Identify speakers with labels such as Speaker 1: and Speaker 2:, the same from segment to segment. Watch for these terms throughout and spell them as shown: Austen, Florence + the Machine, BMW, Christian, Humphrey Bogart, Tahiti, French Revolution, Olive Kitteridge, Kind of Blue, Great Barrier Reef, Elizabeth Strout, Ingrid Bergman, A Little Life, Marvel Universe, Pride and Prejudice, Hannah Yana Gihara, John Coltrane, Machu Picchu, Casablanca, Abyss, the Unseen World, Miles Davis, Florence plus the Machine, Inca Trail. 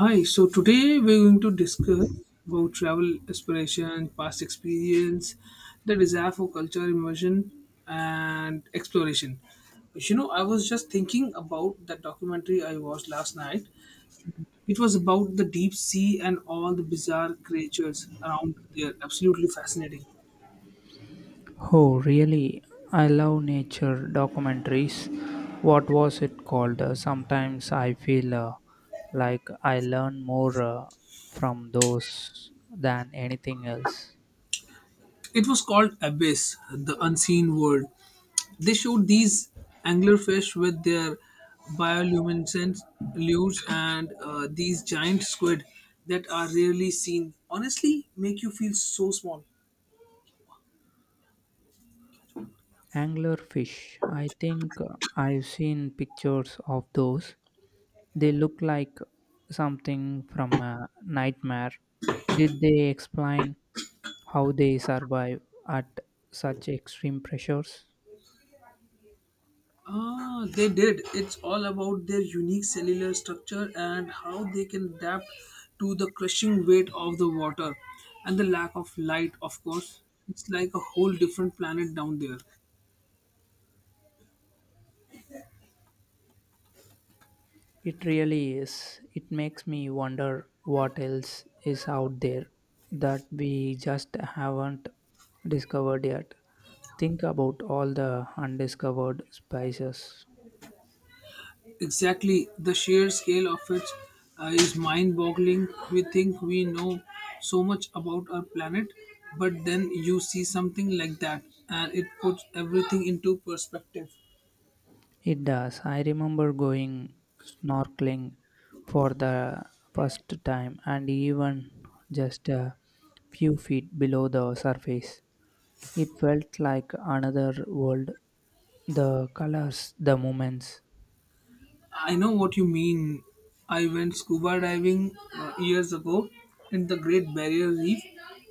Speaker 1: Hi, so today we're going to discuss about travel aspiration, past experience, the desire for culture immersion and exploration. You know, I was just thinking about that documentary I watched last night. It was about the deep sea and all the bizarre creatures around there. Absolutely fascinating.
Speaker 2: Oh, really? I love nature documentaries. What was it called? Sometimes I feel like I learn more from those than anything else.
Speaker 1: It was called Abyss, the Unseen World. They shoot these anglerfish with their bioluminescent lures and these giant squid that are rarely seen. Honestly, make you feel so small.
Speaker 2: Anglerfish. I think I've seen pictures of those. They look like something from a nightmare. Did they explain how they survive at such extreme pressures?
Speaker 1: Ah, they did. It's all about their unique cellular structure and how they can adapt to the crushing weight of the water and the lack of light, of course. It's like a whole different planet down there.
Speaker 2: It really is. It makes me wonder what else is out there that we just haven't discovered yet. Think about all the undiscovered spices.
Speaker 1: Exactly, the sheer scale of it is mind boggling. We think we know so much about our planet, but then you see something like that and it puts everything into perspective.
Speaker 2: It does. I remember going snorkeling for the first time and even just a few feet below the surface. It felt like another world. The colors, the moments.
Speaker 1: I know what you mean. I went scuba diving years ago in the Great Barrier Reef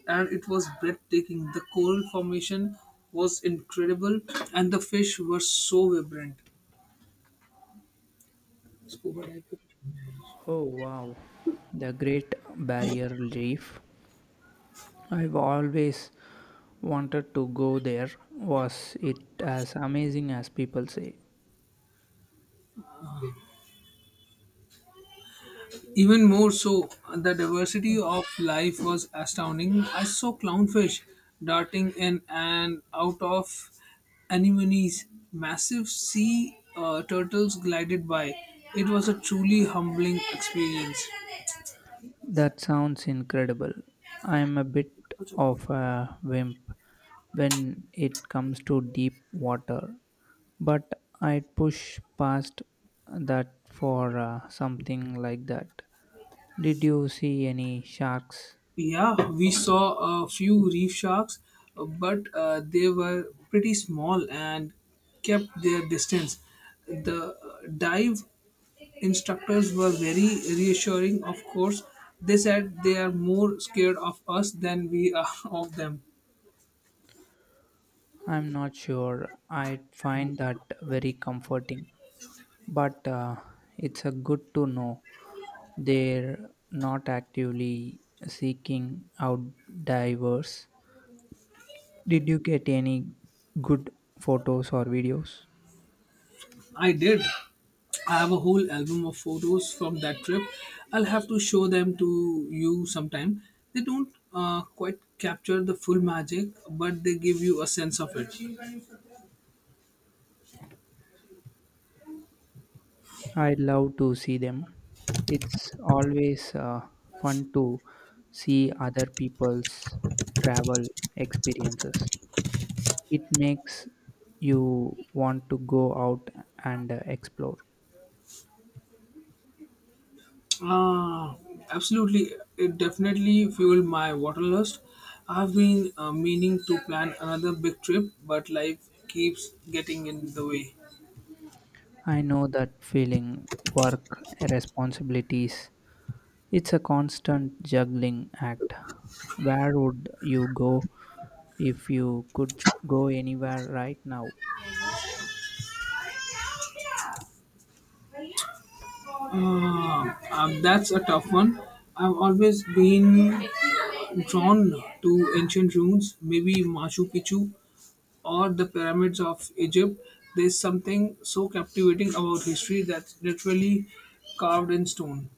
Speaker 1: and it was breathtaking. The coral formation was incredible and the fish were so vibrant. Scuba diving.
Speaker 2: Oh wow, the Great Barrier Reef. I've always wanted to go there. Was it as amazing as people say?
Speaker 1: Even more so, the diversity of life was astounding. I saw clownfish darting in and out of anemones, massive sea turtles glided by. It was a truly humbling experience.
Speaker 2: That sounds incredible. I'm a bit of a wimp when it comes to deep water, but I'd push past that for something like that. Did you see any sharks?
Speaker 1: Yeah, we saw a few reef sharks, but they were pretty small and kept their distance. The dive instructors were very reassuring, of course. They said they are more scared of us than we are of them.
Speaker 2: I'm not sure. I'd find that very comforting. But it's a good to know they're not actively seeking out divers. Did you get any good photos or videos?
Speaker 1: I did. I have a whole album of photos from that trip. I'll have to show them to you sometime. They don't quite capture the full magic, but they give you a sense of it.
Speaker 2: I love to see them. It's always fun to see other people's travel experiences. It makes you want to go out and explore.
Speaker 1: Uh, Absolutely. It definitely fueled my water lust. I've been meaning to plan another big trip, but life keeps getting in the way.
Speaker 2: I know that feeling work responsibilities. It's a constant juggling act. Where would you go if you could go anywhere right now?
Speaker 1: That's a tough one. I've always been drawn to ancient ruins, maybe Machu Picchu or the pyramids of Egypt. There's something so captivating about history that's literally carved in stone.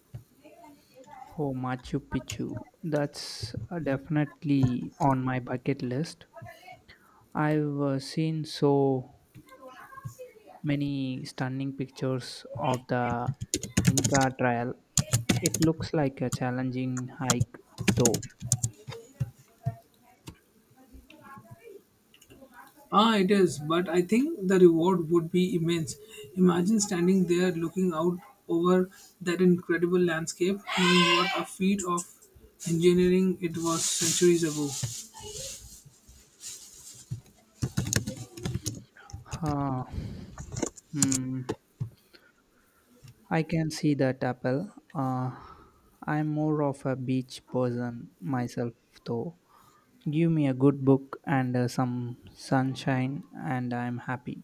Speaker 2: Oh, Machu Picchu. That's definitely on my bucket list. I've seen so many stunning pictures of the Inca Trail. It looks like a challenging hike, though.
Speaker 1: Ah, it is, but I think the reward would be immense. Imagine standing there looking out over that incredible landscape, knowing what a feat of engineering it was centuries ago.
Speaker 2: Uh, hmm, I can see that apple. I'm more of a beach person myself, though. Give me a good book and some sunshine, and I'm happy.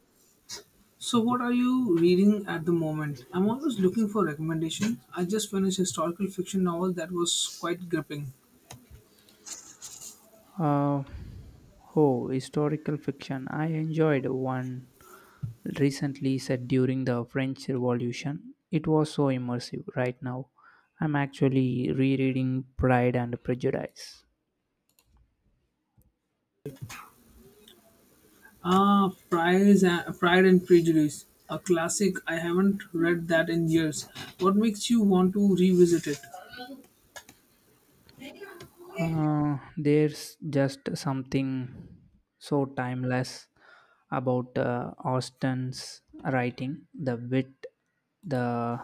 Speaker 1: So, what are you reading at the moment? I'm always looking for recommendations. I just finished a historical fiction novel that was quite gripping.
Speaker 2: Uh, oh, historical fiction. I enjoyed one recently set during the French Revolution. It was so immersive right now. I'm actually rereading Pride and Prejudice.
Speaker 1: Ah, Pride and Prejudice, a classic. I haven't read that in years. What makes you want to revisit it?
Speaker 2: There's just something so timeless about Austen's writing, the wit, the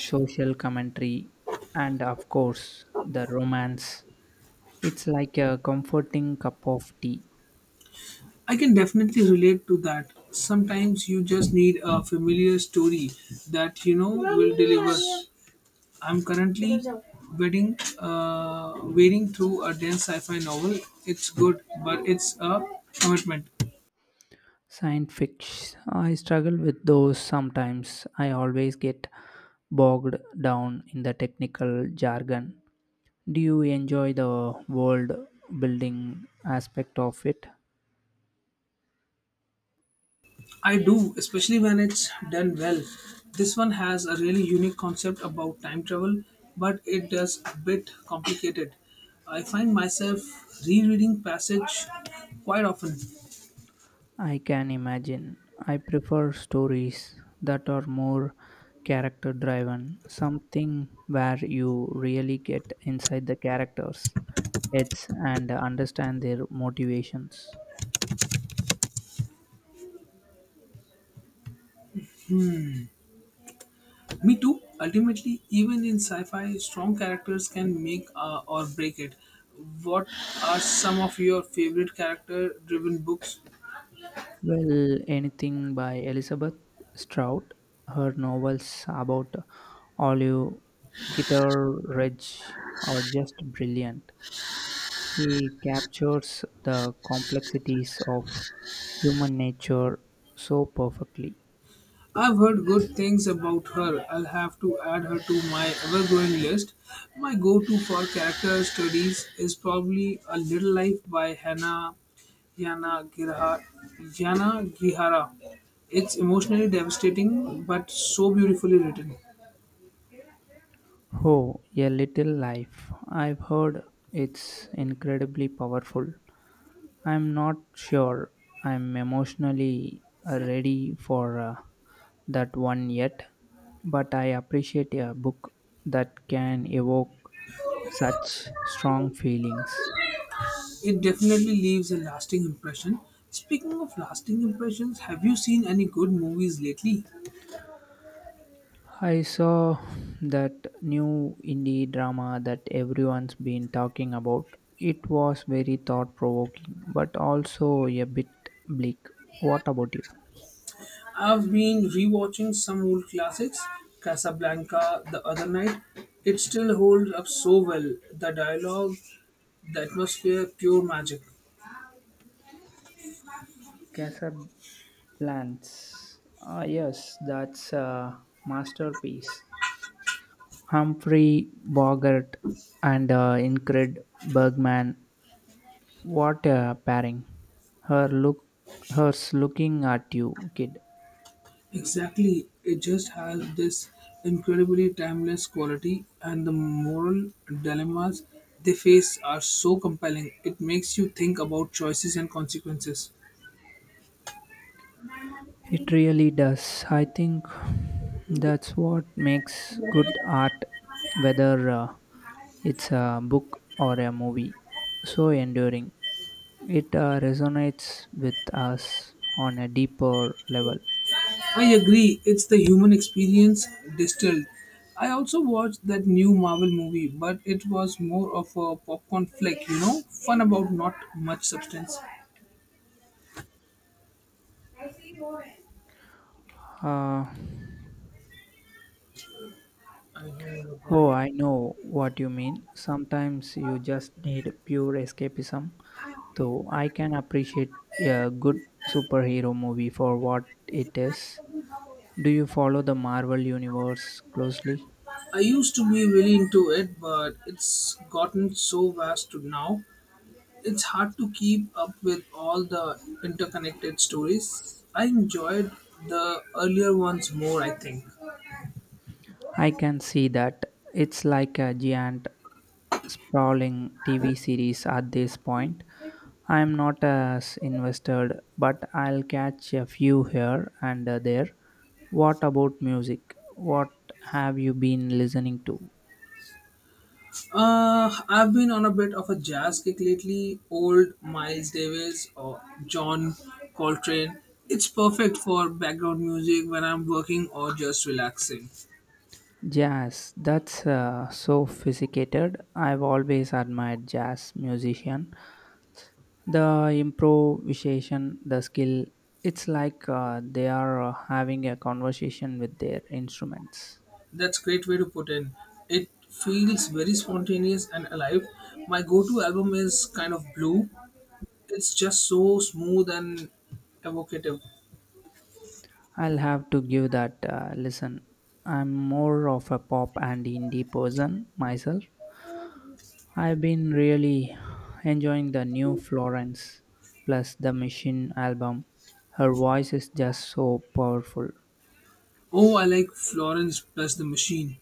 Speaker 2: social commentary, and of course, the romance. It's like a comforting cup of tea.
Speaker 1: I can definitely relate to that. Sometimes you just need a familiar story that you know will deliver. I'm currently wading through a dense sci-fi novel. It's good, but it's a commitment.
Speaker 2: Science fiction, I struggle with those sometimes. I always get bogged down in the technical jargon. Do you enjoy the world building aspect of it?
Speaker 1: I do, especially when it's done well. This one has a really unique concept about time travel, but it does a bit complicated. I find myself rereading passage quite often.
Speaker 2: I can imagine. I prefer stories that are more character driven, something where you really get inside the characters' heads and understand their motivations.
Speaker 1: Me too. Ultimately, even in sci-fi, strong characters can make or break it. What are some of your favorite character-driven books?
Speaker 2: Well, anything by Elizabeth Strout, her novels about Olive Kitteridge are just brilliant. He captures the complexities of human nature so perfectly.
Speaker 1: I've heard good things about her. I'll have to add her to my ever growing list. My go to for character studies is probably A Little Life by Hannah Yana Gihara. Yana Gihara. It's emotionally devastating but so beautifully written.
Speaker 2: Oh, A Little Life. I've heard it's incredibly powerful. I'm not sure I'm emotionally ready for that one yet, but I appreciate a book that can evoke such strong feelings.
Speaker 1: It definitely leaves a lasting impression. Speaking of lasting impressions, have you seen any good movies lately?
Speaker 2: I saw that new indie drama that everyone's been talking about. It was very thought provoking, but also a bit bleak. What about you?
Speaker 1: I've been rewatching some old classics, Casablanca the other night. It still holds up so well. The dialogue, the atmosphere, pure magic.
Speaker 2: Casablanca. Ah, yes, that's a masterpiece. Humphrey Bogart and Ingrid Bergman. What a pairing! Her look, hers looking at you, kid.
Speaker 1: Exactly. It just has this incredibly timeless quality, and the moral dilemmas they face are so compelling. It makes you think about choices and consequences.
Speaker 2: It really does. I think that's what makes good art, whether it's a book or a movie, so enduring. It resonates with us on a deeper level.
Speaker 1: I agree, it's the human experience distilled. I also watched that new Marvel movie, but it was more of a popcorn flick, you know, fun about not much substance.
Speaker 2: Uh,
Speaker 1: I know about
Speaker 2: oh,
Speaker 1: that.
Speaker 2: I know what you mean. Sometimes you just need pure escapism, though I can appreciate a good superhero movie for what it is. Do you follow the Marvel Universe closely?
Speaker 1: I used to be really into it, but it's gotten so vast to now. It's hard to keep up with all the interconnected stories. I enjoyed the earlier ones more, I think.
Speaker 2: I can see that it's like a giant sprawling TV series at this point. I'm not as invested, but I'll catch a few here and there. What about music? What have you been listening to?
Speaker 1: I've been on a bit of a jazz kick lately. Old Miles Davis or John Coltrane. It's perfect for background music when I'm working or just relaxing.
Speaker 2: Jazz. That's so sophisticated. I've always admired jazz musician. The improvisation, the skill, it's like they are having a conversation with their instruments.
Speaker 1: That's great way to put in. It feels very spontaneous and alive. My go-to album is kind of blue. It's just so smooth and evocative.
Speaker 2: I'll have to give that listen. I'm more of a pop and indie person myself. I've been really enjoying the new Florence plus the Machine album. Her voice is just so powerful.
Speaker 1: Oh, I like Florence plus the Machine.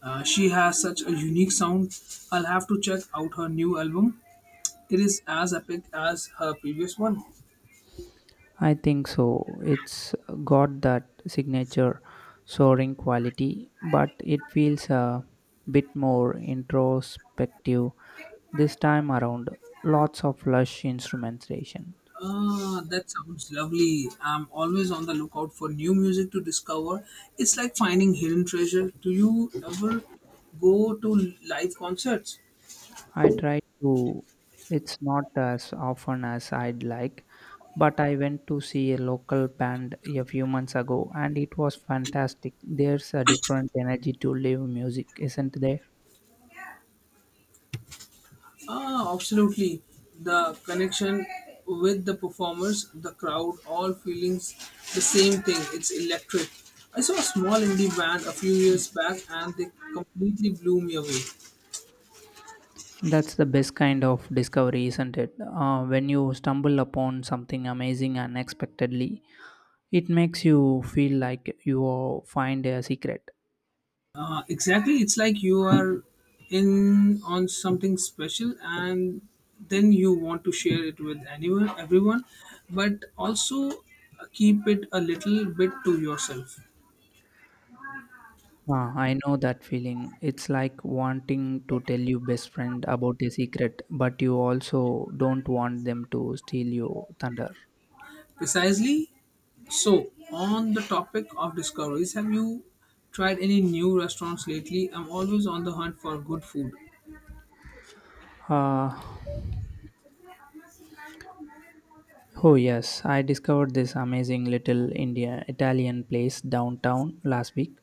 Speaker 1: She has such a unique sound. I'll have to check out her new album. It is as epic as her previous one.
Speaker 2: I think so. It's got that signature soaring quality, but it feels a bit more introspective this time around. Lots of lush instrumentation.
Speaker 1: Ah, that sounds lovely. I'm always on the lookout for new music to discover. It's like finding hidden treasure. Do you ever go to live concerts?
Speaker 2: I try to, it's not as often as I'd like, but I went to see a local band a few months ago and it was fantastic. There's a different energy to live music, isn't there?
Speaker 1: Ah, absolutely. The connection with the performers, the crowd, all feelings the same thing. It's electric. I saw a small indie band a few years back and they completely blew me away.
Speaker 2: That's the best kind of discovery, isn't it? When you stumble upon something amazing unexpectedly, it makes you feel like you are- find a secret.
Speaker 1: Exactly, it's like you are in on something special and then you want to share it with anyone, everyone, but also keep it a little bit to yourself.
Speaker 2: Ah, I know that feeling. It's like wanting to tell your best friend about a secret, but you also don't want them to steal your thunder.
Speaker 1: Precisely. So, on the topic of discoveries, have you tried any new restaurants lately? I'm always on the hunt for good food.
Speaker 2: Uh, Oh, yes, I discovered this amazing little India Italian place downtown last week.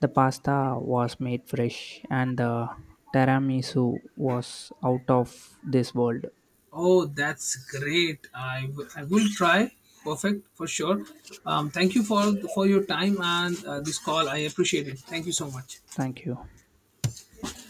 Speaker 2: The pasta was made fresh and the tiramisu was out of this world.
Speaker 1: Oh, that's great. I will try. Perfect for sure. Thank you for your time and this call. I appreciate it. Thank you so much.
Speaker 2: Thank you.